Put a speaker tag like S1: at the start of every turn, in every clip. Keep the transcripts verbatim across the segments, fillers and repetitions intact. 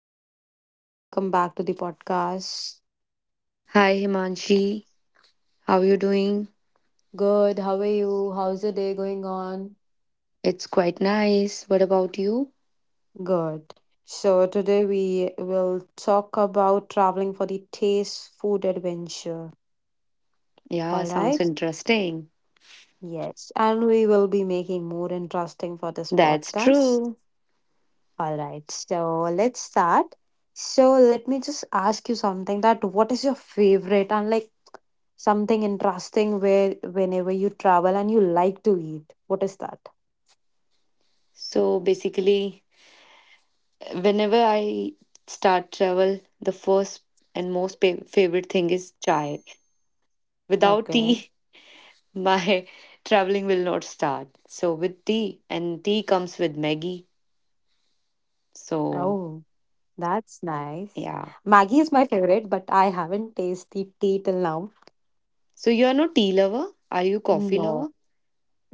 S1: Hello, Deepika. Welcome back to the podcast.
S2: Hi Himanshi, how are you doing?
S1: Good, how are you? How's your day going on?
S2: It's quite nice. What about you?
S1: Good. So, today we will talk about traveling for the taste food adventure.
S2: Yeah,
S1: All
S2: sounds
S1: right?
S2: interesting.
S1: Yes. And we will be making more interesting for this
S2: That's
S1: podcast.
S2: true.
S1: All right. So, let's start. So, let me just ask you something that what is your favorite and like something interesting where whenever you travel and you like to eat? What is that?
S2: So basically, whenever I start travel, the first and most pa- favorite thing is chai. Without
S1: Okay.
S2: tea, my traveling will not start. So with tea, and tea comes with Maggie.
S1: Oh,
S2: So
S1: that's nice. Maggie
S2: yeah.
S1: is my favorite, but I haven't tasted tea till now.
S2: So you are no tea lover? Are you coffee
S1: No.
S2: lover?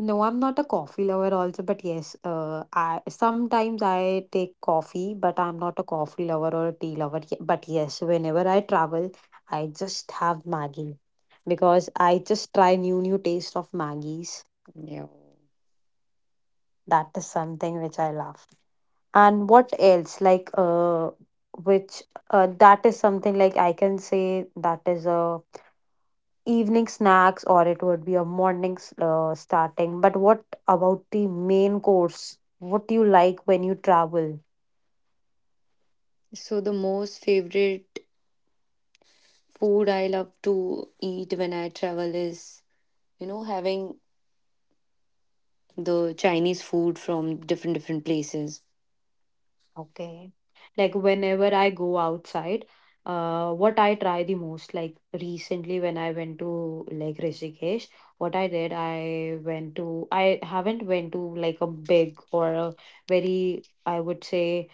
S1: No, I'm not a coffee lover also, but yes, uh, I sometimes I take coffee, but I'm not a coffee lover or a tea lover. Ye- But yes, whenever I travel, I just have Maggie because I just try new new taste of Maggie's.
S2: Yeah.
S1: That is something which I love. And what else? Like uh, which uh, that is something like I can say that is a evening snacks or it would be a morning s- uh, starting. But what about the main course? What do you like when you travel?
S2: So the most favorite food I love to eat when I travel is, you know, having the Chinese food from different different places.
S1: Okay. Like whenever I go outside, uh, what I try the most, like recently when I went to like Rishikesh, what I did, I went to, I haven't went to like a big or a very, I would say,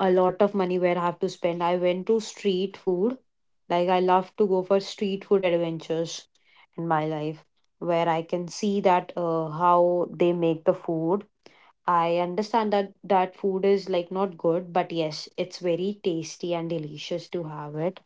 S1: a lot of money where I have to spend. I went to street food. Like I love to go for street food adventures in my life where I can see that uh, how they make the food. I understand that that food is like not good, but yes, it's very tasty and delicious to have it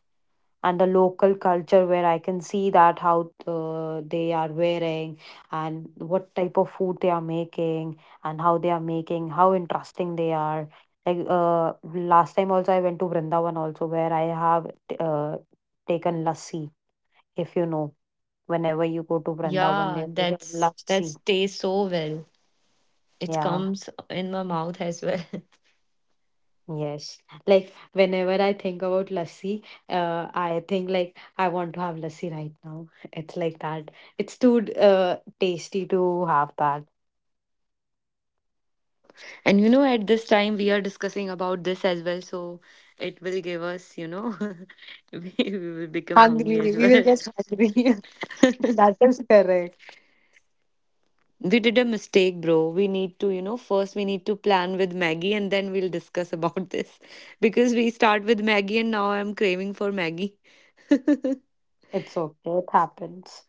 S1: and the local culture where I can see that how uh, they are wearing and what type of food they are making and how they are making, how interesting they are. Like uh, last time also I went to Vrindavan also where I have uh, taken lassi, if you know. Whenever you go to Vrindavan,
S2: Yeah,
S1: there is a
S2: that's
S1: lassi.
S2: that's tastes so well. It
S1: Yeah.
S2: comes in my mouth as well.
S1: Yes, like whenever I think about lassi, uh, I think like I want to have lassi right now. It's like that. It's too uh tasty to have that.
S2: And you know, at this time we are discussing about this as well, so it will give us, you know, we we will become
S1: Hungry,
S2: hungry as
S1: we will
S2: well.
S1: get hungry. That is correct.
S2: We did a mistake, bro. We need to, you know, first we need to plan with Maggie and then we'll discuss about this. Because we start with Maggie and now I'm craving for Maggie.
S1: It's okay. It happens.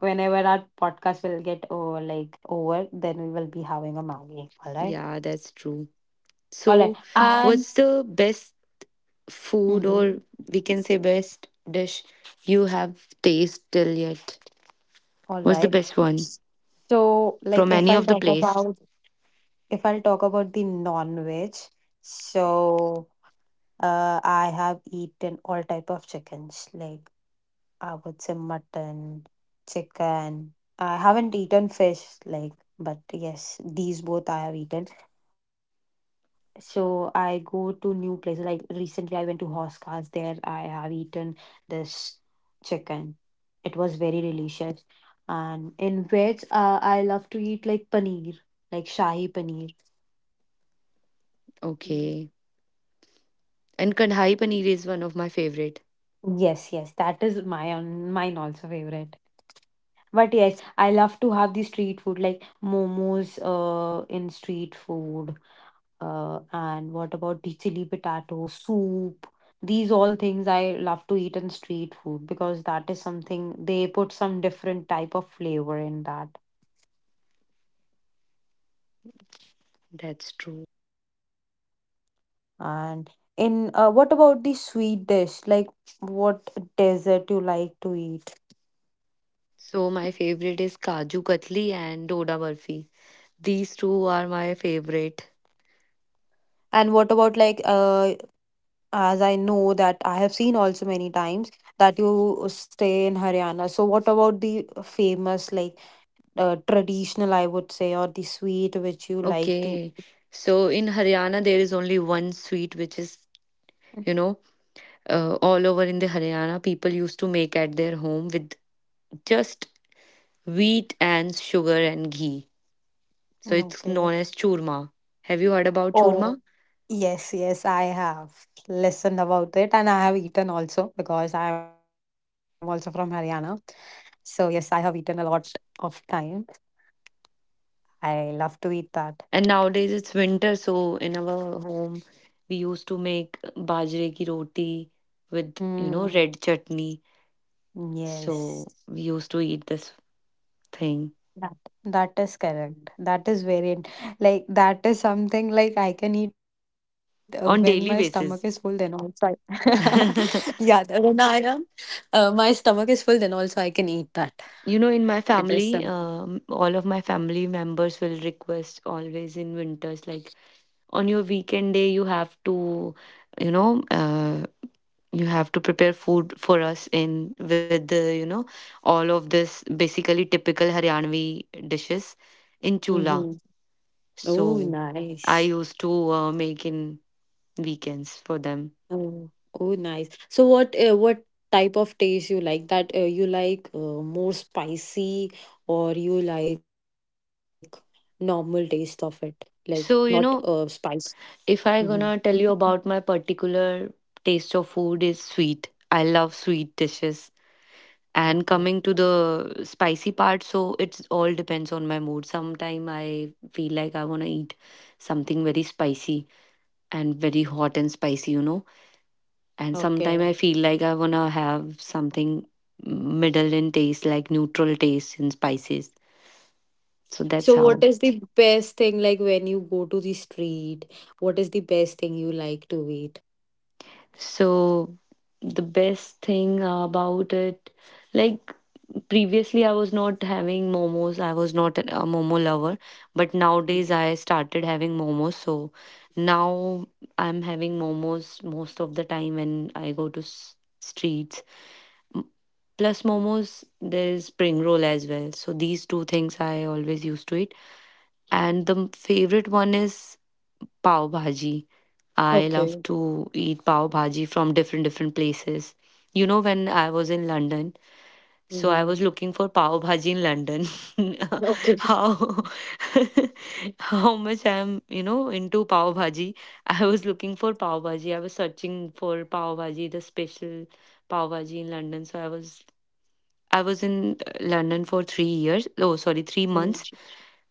S1: Whenever our podcast will get over, like over, then we will be having a Maggi. All right.
S2: Yeah, that's true.
S1: All right.
S2: So,
S1: And
S2: what's the best food or
S1: mhm,
S2: we can say best dish you have tasted till yet?
S1: all
S2: What's the
S1: right.
S2: best one
S1: So, like,
S2: from
S1: if
S2: any
S1: I'll
S2: of the
S1: talk
S2: place?
S1: about if I'll talk about the non-veg, so uh, I have eaten all type of chickens, like I would say mutton, chicken. I haven't eaten fish, like, but yes, these both I have eaten. So I go to new places. Like recently, I went to Hoskars. There, I have eaten this chicken. It was very delicious. And in veg, uh, I love to eat like paneer, like shahi paneer.
S2: Okay. And kadhai paneer is one of my favorite.
S1: Yes, yes, that is my own, mine also favorite. But yes, I love to have the street food like momos uh in street food. Uh and what about the chili potato soup? These all things I love to eat in street food because that is something they put some different type of flavor in that.
S2: That's true.
S1: And in uh, what about the sweet dish? Like what dessert you like to eat?
S2: So my favorite is kaju katli and doda barfi. These two are my favorite.
S1: And what about like uh as I know that I have seen also many times that you stay in Haryana. So, what about the famous, like uh, traditional, I would say, or the sweet which you like to?
S2: Okay. So in Haryana, there is only one sweet, which is, you know, uh, all over in the Haryana, people used to make at their home with just wheat and sugar and ghee. So
S1: Mm,
S2: it's
S1: okay.
S2: known as churma. Have you heard about
S1: Oh,
S2: churma?
S1: yes, yes, I have listened about it and I have eaten also because I am also from Haryana. So, yes, I have eaten a lot of time. I love to eat that.
S2: And nowadays it's winter, so in our home, we used to make bajre ki roti with, you know,
S1: Mm,
S2: red chutney. So
S1: yes.
S2: we used to eat this thing
S1: That that is correct. That is very in- like that is something like I can eat uh, when my stomach is
S2: on
S1: full.
S2: daily
S1: Then also
S2: basis.
S1: I yeah the- when I am uh, my stomach is full. Then also I can eat that.
S2: You know, in my
S1: It is
S2: family,
S1: something.
S2: um, all of my family members will request always in winters, like on your weekend day, you have to, you know, uh, you have to prepare food for us in with the, you know, all of this basically typical Haryanvi dishes in chula.
S1: Mm-hmm. Oh,
S2: So I
S1: nice.
S2: used to uh, make in weekends for them.
S1: Oh, oh, nice. So what uh, what type of taste you like? That uh, you like uh, more spicy or you like normal taste of it? Like not
S2: So,
S1: uh
S2: you know,
S1: spice.
S2: if I gonna tell
S1: Mm-hmm.
S2: you about my particular taste of food is sweet. I love sweet dishes. And
S1: Okay.
S2: coming to the spicy part, so it's all depends on my mood. Sometime I feel like I want to eat something very spicy and very hot and spicy, you know. And sometime
S1: Okay.
S2: I feel like I want to have something middle in taste, like neutral taste in spices. So that's
S1: So
S2: how.
S1: what is the best thing like when you go to the street? What is the best thing you like to eat?
S2: So the best thing about it, like previously I was not having momos. I was not a momo lover, but
S1: Mm.
S2: nowadays I started having momos. So now I'm having momos most of the time when I go to s- streets. M- Plus momos, there's spring roll as well. So these two things I always used to eat. And the favorite one is pav bhaji. I love
S1: Okay.
S2: to eat pav bhaji from different different places. You know, when I was in London, so I
S1: Mm-hmm.
S2: was looking for pav bhaji in London.
S1: Okay.
S2: How how much I'm you know into pav bhaji. I was looking for pav bhaji. I was searching for pav bhaji, the special pav bhaji in London. So I was I was in uh, London for three years. Oh, sorry, three months.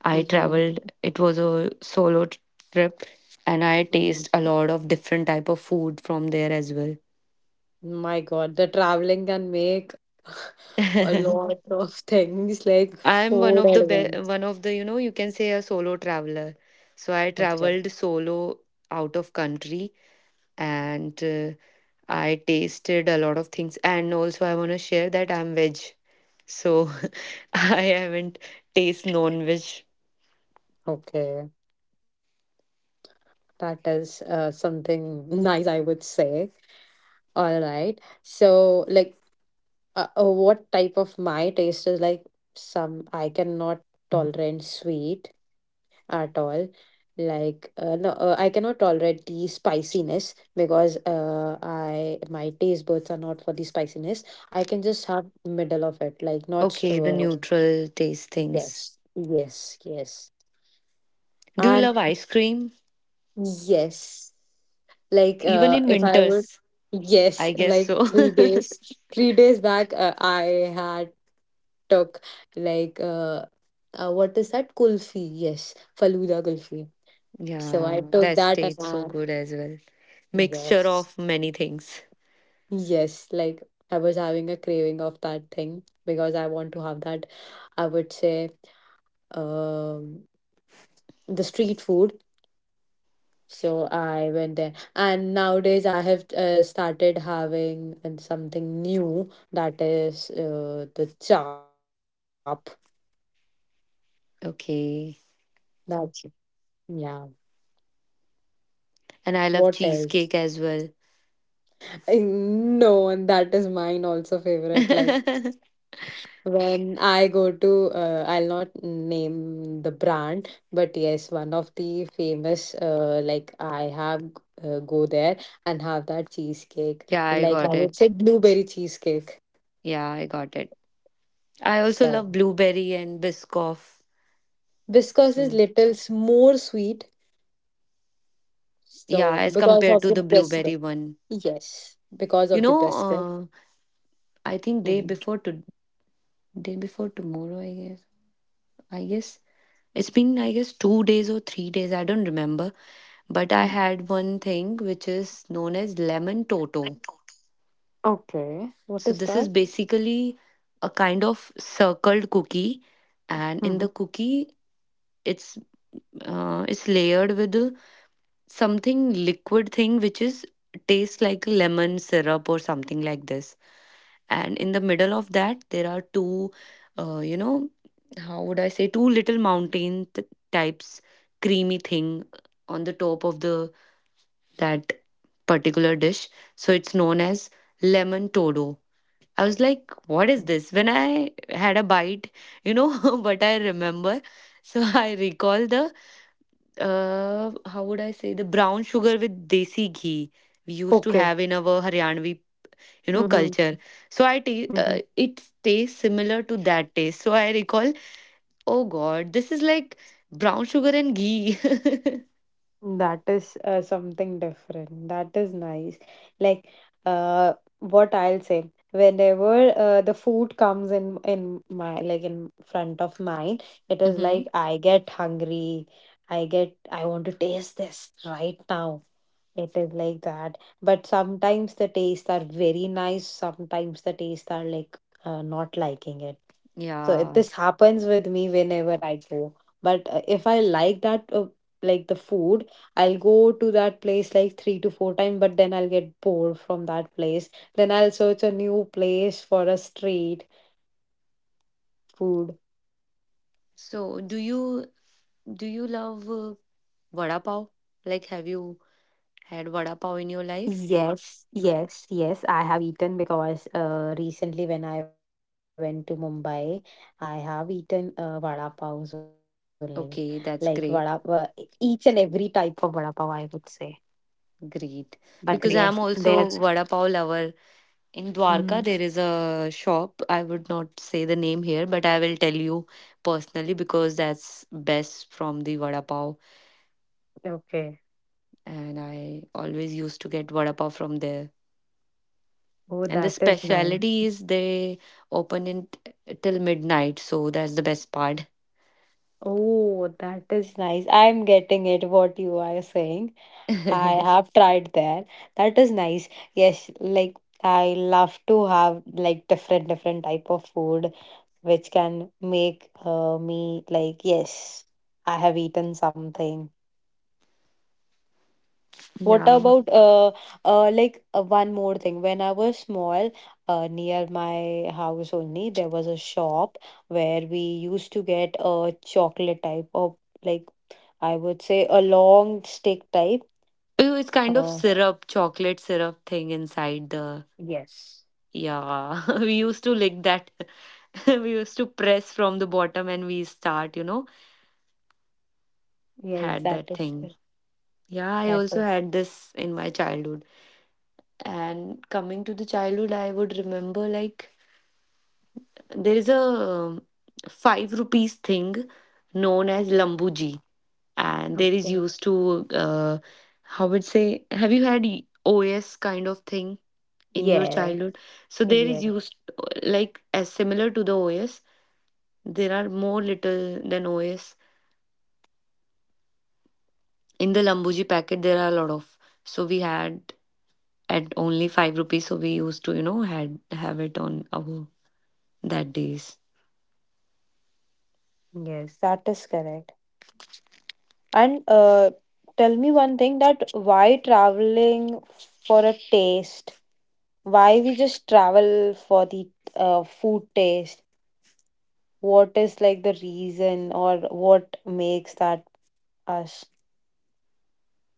S2: I traveled.
S1: Mm-hmm.
S2: It was a solo t- trip, and I
S1: Hmm.
S2: taste a lot of different type of food from there as well.
S1: My God, the traveling can make a lot of things like
S2: I'm one
S1: food
S2: of the
S1: at
S2: be-
S1: once.
S2: one of the, you know, you can say a solo traveler. So I
S1: Okay.
S2: traveled solo out of country and uh, I tasted a lot of things. And also I want to share that I'm veg, so I haven't taste non-veg.
S1: Okay. That is uh, something nice, I would say. All right. So, like, uh, uh, what type of my taste is like some I cannot tolerate sweet at all, like uh, no uh, I cannot tolerate the spiciness because uh, I my taste buds are not for the spiciness. I can just have middle of it, like not
S2: Okay, the
S1: uh,
S2: neutral taste
S1: yes
S2: things.
S1: yes yes
S2: Do you
S1: and
S2: love ice cream?
S1: yes like
S2: Even
S1: uh
S2: in
S1: if I would
S2: winters.
S1: yes
S2: I guess
S1: like
S2: so.
S1: three days three days back, uh, I had talk like uh, uh what is that kulfi? Yes Faluda kulfi. So I
S2: Yeah,
S1: took
S2: that
S1: that and
S2: tastes so
S1: I,
S2: good as well. Mixture
S1: yes
S2: of many things.
S1: yes, like I was having a craving of that thing because I want to have that, I would say, um the street food. So I went there and nowadays I have uh, started having uh, something new, that is uh, the chop.
S2: Okay.
S1: That's Yeah,
S2: And I
S1: what
S2: love
S1: else?
S2: cheesecake as well.
S1: I no, and that is mine also favorite. Like
S2: Yeah,
S1: when I go to, uh, I'll not name the brand, but yes, one of the famous, uh, like I have uh, go there and have that cheesecake.
S2: I
S1: Like I
S2: got
S1: would say
S2: it.
S1: blueberry cheesecake.
S2: Yeah, I got it. I also love
S1: So
S2: blueberry and biscoff.
S1: viscose is
S2: So,
S1: little s- more sweet.
S2: yeah,
S1: So
S2: as
S1: because
S2: compared
S1: of
S2: to
S1: the
S2: the
S1: biscuit,
S2: blueberry one.
S1: yes, because
S2: You
S1: of the
S2: know,
S1: biscuit.
S2: uh, I think day
S1: Mhm.
S2: before to day before tomorrow, I guess. I guess it's been, I guess, two days or three days. I don't remember. But I
S1: Mm.
S2: had one thing which is known as lemon toto.
S1: Okay, what
S2: So
S1: is
S2: this is
S1: that?
S2: basically a kind of circled cookie, and in the
S1: Mhm.
S2: cookie, it's uh, it's layered with something liquid thing which is tastes like lemon syrup or something like this. And in the middle of that, there are two, uh, you know, how would I say, two little mountain t- types creamy thing on the top of the that particular dish. So it's known as lemon todo. I was like, what is this? When I had a bite, you know what I remember. So I recall the uh how would I say the brown sugar with desi ghee we used to
S1: Okay.
S2: have in our Haryanvi you know culture. So I ta- uh,
S1: Mhm.
S2: it tastes similar to that taste. So I recall, oh God, this is like brown sugar and ghee.
S1: That is uh, something different. That is nice. Like, uh, what I'll say, whenever uh, the food comes in in my like in front of mine, it is
S2: hmm
S1: like I get hungry. I get I want to taste this right now. It is like that. But sometimes the tastes are very nice. Sometimes the tastes are like uh, not liking it. So it,
S2: Yeah.
S1: this happens with me whenever I go. But uh, if I like that, uh, like the food, I'll go to that place like three to four times, but then I'll get bored from that place. Then I'll search a new place for a street food.
S2: So do you do you love uh, vada pav? Like, have you had vada pav in your
S1: Yes,
S2: life?
S1: yes, yes. I have eaten because uh, recently when I went to Mumbai, I have eaten uh, vada pav only. Like vada,
S2: Okay,
S1: va-
S2: that's great.
S1: each and every type of vada pav, I would say.
S2: Great.
S1: But agree. Yes,
S2: Because I'm also
S1: there's.
S2: vada pav lover. In Dwarka,
S1: Mhm.
S2: there is a shop. I would not say the name here, but I will tell you personally because that's best from the vada pav.
S1: Okay.
S2: And I always used to get vada pav from there.
S1: Oh,
S2: And the
S1: that is nice.
S2: speciality is they open it till midnight, so that's the best part.
S1: Oh, that is nice. I'm getting it what you are saying. I have tried that. That is nice. Yes, like I love to have like different different type of food which can make uh, me like yes, I have eaten something. What
S2: Yeah.
S1: about uh, uh like uh, one more thing. When I was small, uh, near my house only, there was a shop where we used to get a chocolate type of like I would say a long stick type.
S2: Oh, it's kind of
S1: Uh,
S2: syrup, chocolate syrup thing inside the.
S1: Yes.
S2: Yeah, we used to lick that. We used to press from the bottom and we start, you know,
S1: Yes,
S2: had
S1: that
S2: that
S1: is
S2: thing.
S1: cor-
S2: Yeah, I
S1: that
S2: also
S1: is
S2: had this in my childhood. And coming to the childhood, I would remember like there is a um, five rupees thing known as Lambuji. And there is
S1: okay.
S2: used to, uh, how would say, have you had O S kind of thing in your
S1: Yeah.
S2: childhood? So there is
S1: Yeah.
S2: used like as similar to the OS, there are more little than OS. In the lambuji packet there are a lot of, so we had at only five rupees, so we used to, you know, had have it on our that days.
S1: Yes. That is correct. And uh, tell me one thing that why traveling for a taste? Why we just travel for the uh, food taste? What is like the reason or what makes that us?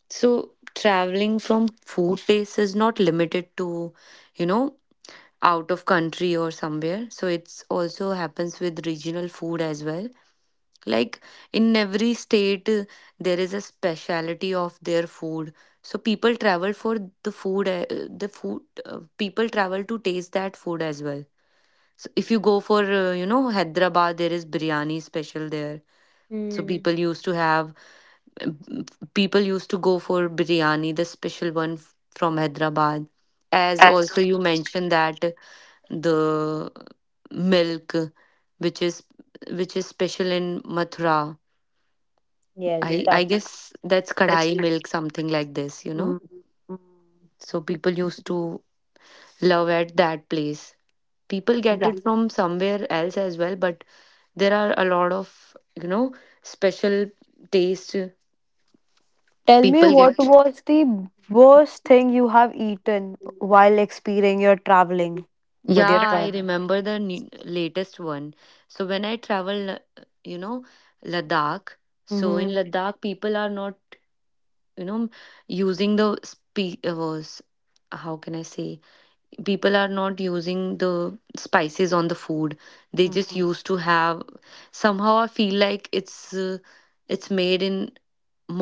S2: So traveling from food taste is not limited to, you know, out of country or somewhere, so it's also happens with regional food as well. Like in every state uh, there is a speciality of their food, so people travel for the food, uh, the food uh, people travel to taste that food as well. So if you go for, uh, you know Hyderabad, there is biryani special there, so
S1: Mm.
S2: people used to have people used to go for biryani, the special one f- from Hyderabad. As
S1: Yes.
S2: also you mentioned that the milk which is which is special in Mathura,
S1: Yes.
S2: I I
S1: That.
S2: guess that's kadai milk, something like this, you know.
S1: Mm.
S2: So people used to love at that place. People
S1: Mm.
S2: get it from somewhere else as well, but there are a lot of you know special taste
S1: Tell me
S2: people
S1: what
S2: get.
S1: was the worst thing you have eaten while experiencing your traveling with
S2: Yeah,
S1: your
S2: I
S1: travel?
S2: remember the ne- latest one. So when I travel, uh, you know, Ladakh. So in
S1: Mm-hmm.
S2: Ladakh, people are not, you know, using the spe- uh, s- how can I say, people are not using the spices on the food, they just
S1: Mm-hmm.
S2: used to have. Somehow I feel like it's uh, it's made in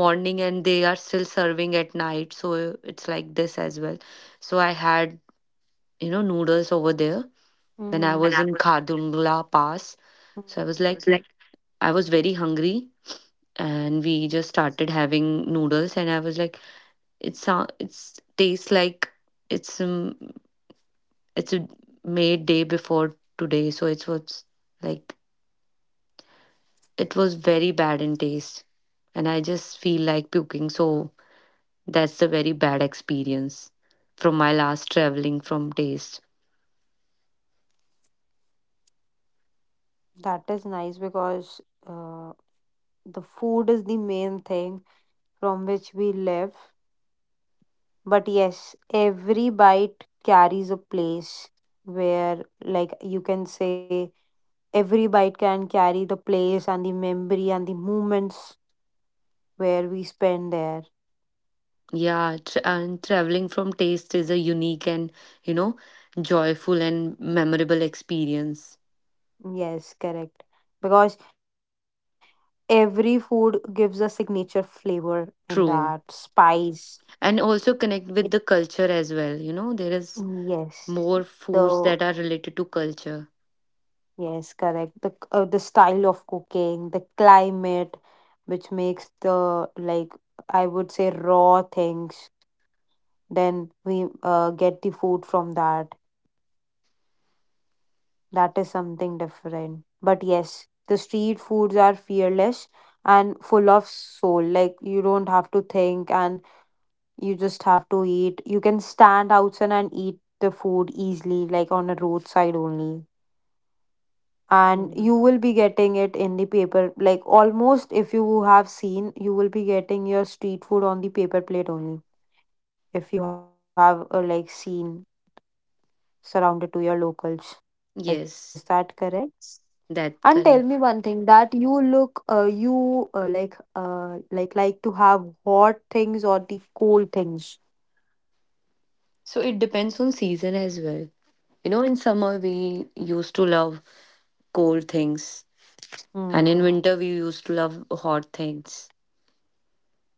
S2: morning and they are still serving at night, so it's like this as well. So I had, you know, noodles over there when I
S1: Mm-hmm.
S2: was in Khadungla Pass. So I was like, I was very hungry and we just started having noodles and I was like, it's it sou- it's tastes like it's um, it's a made day before today, so it was like it was very bad in taste and I just feel like puking. So that's a very bad experience from my last traveling from taste.
S1: That is nice because uh, the food is the main thing from which we live. But yes, every bite carries a place where, like, you can say every bite can carry the place and the memory and the moments where we spend there.
S2: Yeah, tra- and traveling from taste is a unique and, you know, joyful and memorable experience.
S1: Yes, correct. Because every food gives a signature flavor in that
S2: True,
S1: spice.
S2: and also
S1: It
S2: connect with the culture as well, you know, there is
S1: yes,
S2: more foods
S1: the
S2: that are related to culture.
S1: yes, correct. The c- uh, the style of cooking, the climate, which makes the like I would say raw things. Then we uh, get the food from that. That is something different. But yes, the street foods are fearless and full of soul. Like you don't have to think and you just have to eat. You can stand outside and eat the food easily, like on a roadside only. And
S2: Mm.
S1: you will be getting it in the paper, like almost if you have seen, you will be getting your street food on the paper plate only. If you have uh, like seen surrounded to your locals. Is
S2: Yes,
S1: that correct?
S2: that
S1: And tell
S2: correct.
S1: me one thing that you look, uh, you uh, like, uh, like like to have hot things or the cold things.
S2: So it depends on season as well. You know, in summer we used to love cold things, and in
S1: Hmm.
S2: winter we used to love hot things.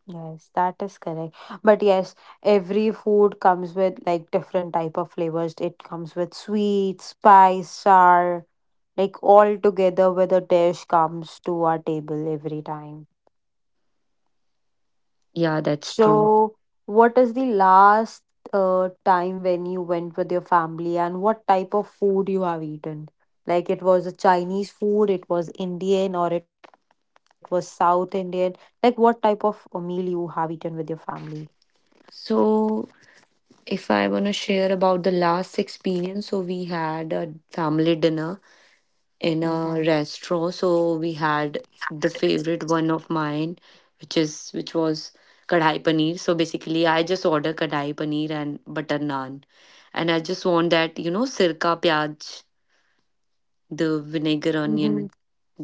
S1: Yes, that is correct. But yes, every food comes with like different type of flavors. It comes with sweet, spice, sour, like all together with a dish comes to our table every time.
S2: Yeah, that's true.
S1: So, what is the last uh time when you went with your family and what type of food you have eaten? Like it was a Chinese food, it was Indian, or it was South Indian. Like what type of uh, meal you have eaten with your family?
S2: So if I want to share about the last experience, so we had a family dinner in a
S1: Mm-hmm.
S2: restaurant. So we had the favorite one of mine, which is which was kadhai paneer. So basically, I just order kadhai paneer and butter naan, and I just want that you know sirka pyaj, the vinegar onion,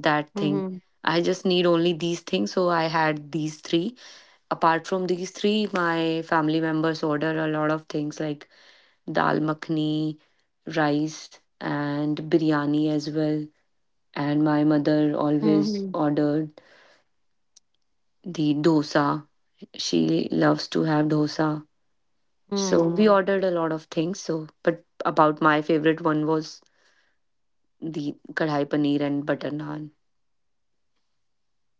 S2: that thing.
S1: Mm-hmm.
S2: I just need only these things, so I had these three. Apart from these three, my family members order a lot of things like dal makhni, rice, and biryani as well. And my
S1: Mm-hmm.
S2: mother always ordered the dosa. She loves to have dosa. So
S1: Mm.
S2: we ordered a lot of things, so but about my favorite one was the kadhai paneer and butter naan.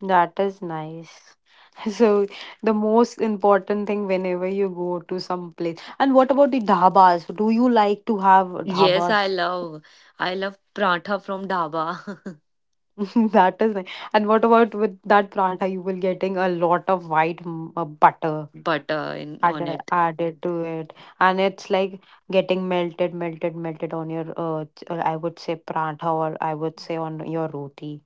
S1: That is nice. So the most important thing whenever you go to some place. And what about the dhabas? Do you like to have
S2: Yes, I
S1: dhabas?
S2: love. I love paratha from dhaba,
S1: That is nice. And what about with that pranta? You will getting a lot of white mm, uh, butter
S2: butter in on
S1: added
S2: it.
S1: added to it, and it's like getting melted, melted, melted on your uh, ch- uh, I would say pranta or I would say on your roti.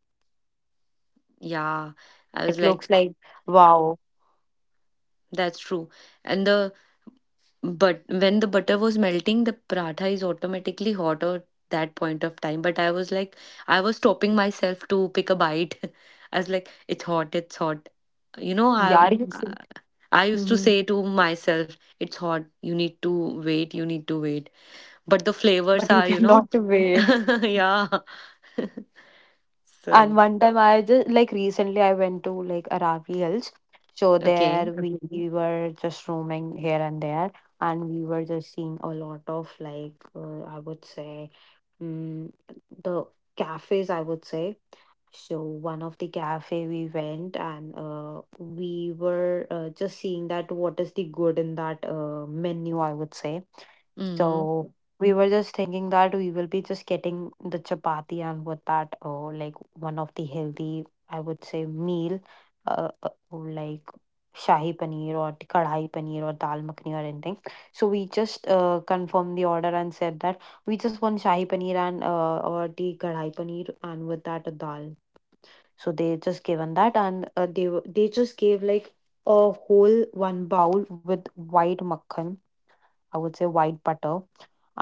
S1: It
S2: Yeah,
S1: looks like
S2: I was like,
S1: wow.
S2: that's true. And the, but when the butter was melting, the paratha is automatically hot at that point of time. But I was like, I was stopping myself to pick a bite. I was like, it's hot, it's hot. You know, I
S1: Yeah,
S2: I I used to
S1: hmm.
S2: say to myself, it's hot. You need to wait. You need to wait. But the flavors
S1: But you
S2: are, you know,
S1: cannot wait.
S2: yeah.
S1: And
S2: So.
S1: one time I just like recently I went to like Aravi Hills. So there
S2: Okay.
S1: we, okay, we were just roaming here and there and we were just seeing a lot of like uh, I would say, mm, the cafes, I would say. So one of the cafe we went and uh, we were uh, just seeing that what is the good in that uh, menu, I would say.
S2: Mm-hmm.
S1: So we were just thinking that we will be just getting the chapati and with that, uh, like one of the healthy, I would say, meal, uh, uh, like shahi paneer or the kadhai paneer or dal makhani or anything. So we just uh, confirmed the order and said that we just want shahi paneer and uh, or the kadhai paneer and with that a dal, so they just given that, and uh, they were- they just gave like a whole one bowl with white makhan, I would say white butter,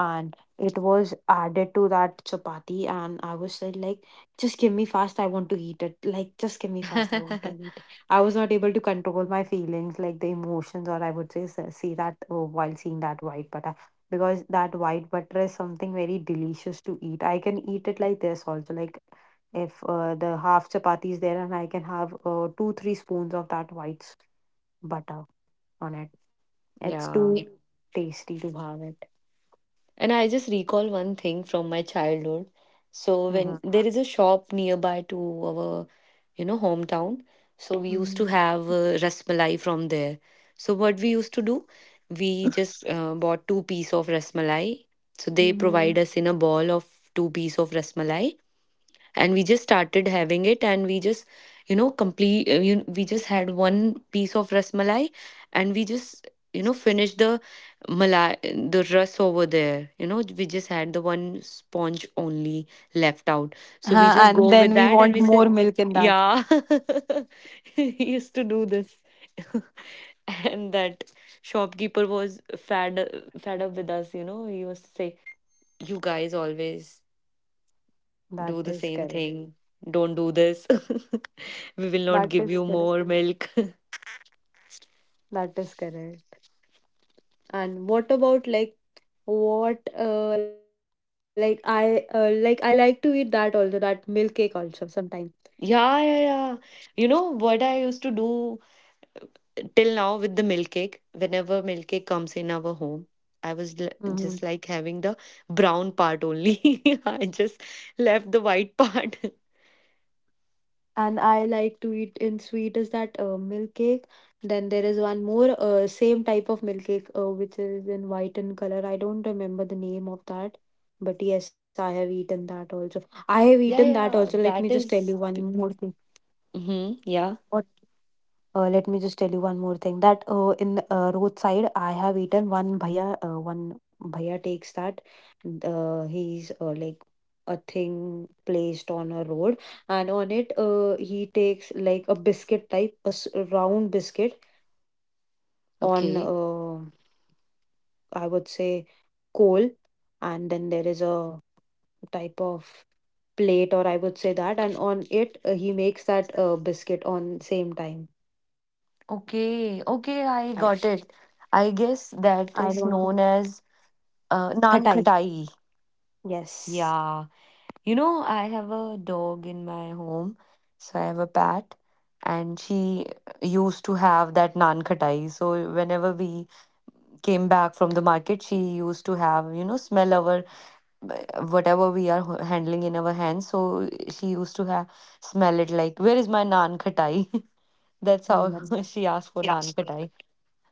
S1: and it was added to that chapati and I was said like, just give me fast, I want to eat it, like just give me fast, I want to eat it. I was not able to control my feelings like the emotions or I would say s- see that uh, while seeing that white butter, because that white butter is something very delicious to eat. I can eat it like this also, like if uh, the half chapati is there and I can have uh, two three spoons of that white s- butter on it. It's
S2: Yeah.
S1: too tasty to have it.
S2: And I just recall one thing from my childhood. So
S1: Mhm.
S2: when there is a shop nearby to our, you know, hometown, so we used to
S1: Mhm.
S2: have uh, rasmalai from there. So what we used to do, we just uh, bought two piece of rasmalai. So they
S1: Mhm.
S2: provide us in a ball of two piece of rasmalai, and we just started having it, and we just, you know complete uh, you, we just had one piece of ras malai, and we just, you know, finished the malai, the rus over there. You know, we just had the one sponge only left
S1: Huh,
S2: out,
S1: and
S2: so we
S1: then we
S2: just go
S1: want
S2: with
S1: more
S2: that and we
S1: milk in
S2: said,
S1: that.
S2: yeah. He used to do this. And that shopkeeper was fed fed up with us. You know, he used to say, you guys always
S1: That
S2: do the
S1: is
S2: same
S1: correct.
S2: thing. Don't do this. We will not
S1: That
S2: give
S1: is
S2: you
S1: correct.
S2: more milk.
S1: That is correct. And what about like, what uh like I uh, like I like to eat that also, that milk cake also sometime.
S2: Yeah, yeah, yeah. You know what I used to do till now with the milk cake? Whenever milk cake comes in our home, I was l- just like having the brown part only. I just left the white part.
S1: And I like to eat in sweet is that uh, milk cake. Then there is one more uh, same type of milk cake uh, which is in white in color. I don't remember the name of that, but yes, I have eaten that also. I have
S2: Yeah,
S1: eaten that
S2: yeah.
S1: also. Let
S2: That
S1: me just tell
S2: is.
S1: you one more thing.
S2: Mm-hmm, yeah.
S1: What uh, let me just tell you one more thing that uh, in uh, roadside I have eaten one bhaiya, uh, one bhaiya takes that uh, he's uh, like a thing placed on a road, and on it uh, he takes like a biscuit type, a s- round biscuit on uh,
S2: Okay.
S1: I would say coal, and then there is a type of plate or I would say that, and on it uh, he makes that uh, biscuit on same time.
S2: Okay.
S1: I
S2: Okay. I got it. I guess
S1: I don't know.
S2: that is known as uh,
S1: Khatai.
S2: naan khatai.
S1: Yes.
S2: Yeah. You know, I have a dog in my home, so I have a pet, and she used to have that naan khatai. So whenever we came back from the market, she used to have, you know, smell our whatever we are ho- handling in our hands. So she used to have smell it like, where is my naan khatai? That's
S1: Mm, that's-
S2: how she asked for naan khatai.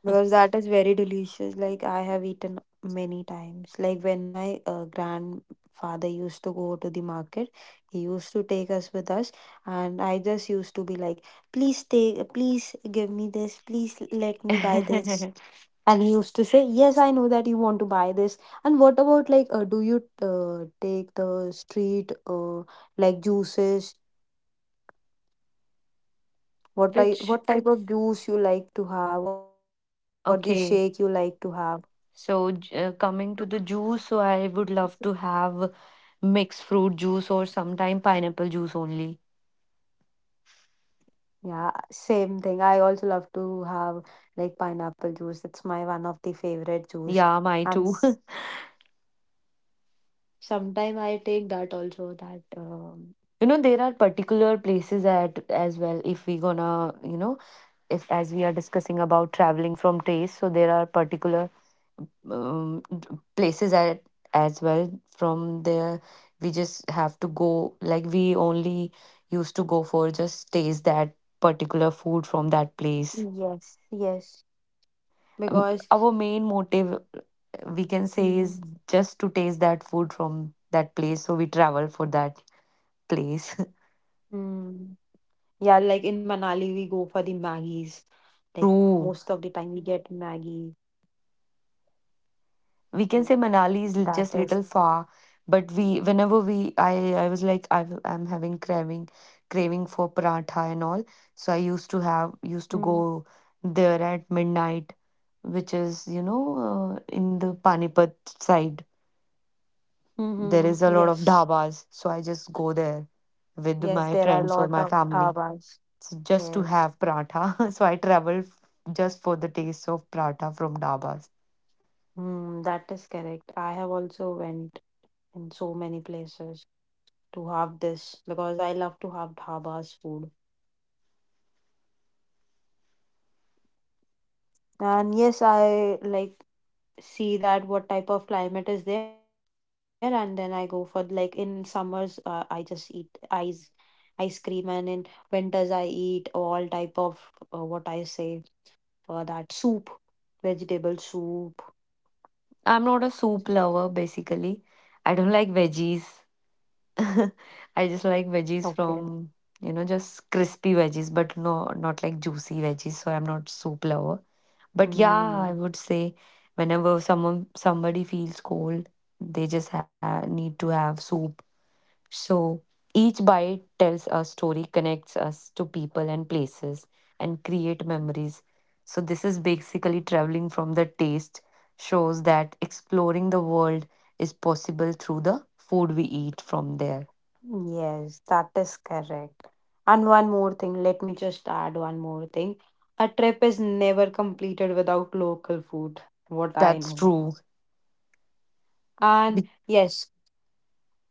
S1: because that is very delicious. Like I have eaten many times. Like when my uh, grandfather used to go to the market, he used to take us with us, and I just used to be like, "Please take, please give me this. Please let me buy this." And he used to say, "Yes, I know that you want to buy this." And what about like, uh, do you uh, take the street uh, like juices. What I
S2: Which,
S1: what type of juice you like to have or the shake you like to
S2: okay,
S1: have?
S2: so j- uh, coming to the juice, so I would love to have mixed fruit juice or sometime pineapple juice only.
S1: Yeah, same thing. I also love to have like pineapple juice. It's my one of the favorite juice.
S2: Yeah, my
S1: And
S2: too.
S1: sometimes I take that also that um,
S2: You know, there are particular places at as well. If we gonna, you know, if as we are discussing about traveling from taste, so there are particular um, d- places at as well. From there, we just have to go, like, we only used to go for just taste that particular food from that place.
S1: yes, yes.
S2: Um,
S1: Because
S2: Our main motive, we can say,
S1: mm,
S2: is just to taste that food from that place. So we travel for that place.
S1: mm, yeah, like in Manali we go for the Maggies. Like most of the
S2: True.
S1: time we get Maggie.
S2: We can
S1: That
S2: say
S1: is.
S2: Manali is l- just little far, but we whenever we I I was like, I w- I'm having craving craving for paratha and all. So I used to
S1: Mm,
S2: have used to go there at midnight, which is, you know, uh, in the Panipat side. There
S1: mm-hmm.
S2: is a lot of
S1: Yes.
S2: dhabas, so I just go there with
S1: Yes,
S2: my
S1: there are a
S2: friends or
S1: lot
S2: my
S1: of
S2: family,
S1: dhabas.
S2: s- just to
S1: Yes,
S2: have paratha. So I travel f- just for the taste of paratha from dabas.
S1: mm, that is correct. I have also went in so many places to have this because I love to have dhabas food. And yes, I like see that what type of climate is there, and then I go for like in summers, uh, I just eat ice ice cream, and in winters I eat all type of uh, what I say, uh, that soup, vegetable soup.
S2: I'm not a soup lover basically. I don't like veggies. I just like
S1: Okay.
S2: veggies from, you know just crispy veggies, but no, not like juicy veggies. So I'm not soup lover. But yeah, I
S1: Mm.
S2: would say whenever someone somebody feels cold, they just ha- need to have soup. So each bite tells a story, connects us to people and places, and create memories. So this is basically traveling from the taste shows that exploring the world is possible through the food we eat from there.
S1: Yes, that is correct. And one more thing, let me just add one more thing. A trip is never completed without local food, what I
S2: That's
S1: know.
S2: true.
S1: And
S2: Be-
S1: yes,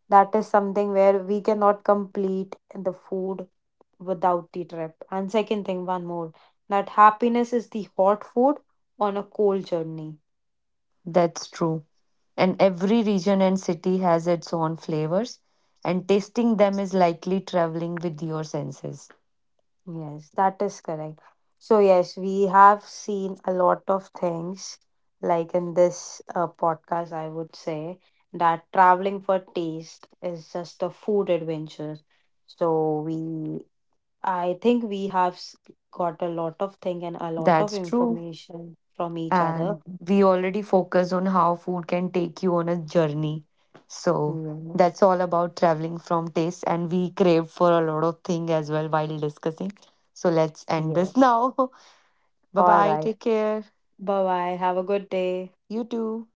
S1: that is something where we cannot complete the food without the trip. And second thing, one more, that happiness is the hot food on a cold journey.
S2: That's true. And every region and city has its own flavors, and tasting them is likely traveling with your senses.
S1: Yes, that is correct. So, yes, we have seen a lot of things like in this uh, podcast, I would say, that traveling for taste is just a food adventure. So, we, I think we have s- got a lot of thing and a lot of
S2: That's true.
S1: information from each other.
S2: And we already focus on how food can take you on a journey. So
S1: Yes,
S2: that's all about traveling from taste, and we crave for a lot of thing as well while discussing. So let's end this
S1: yes.
S2: now. Bye
S1: All
S2: bye.
S1: right.
S2: Take care.
S1: Bye bye. Have a good day.
S2: You too.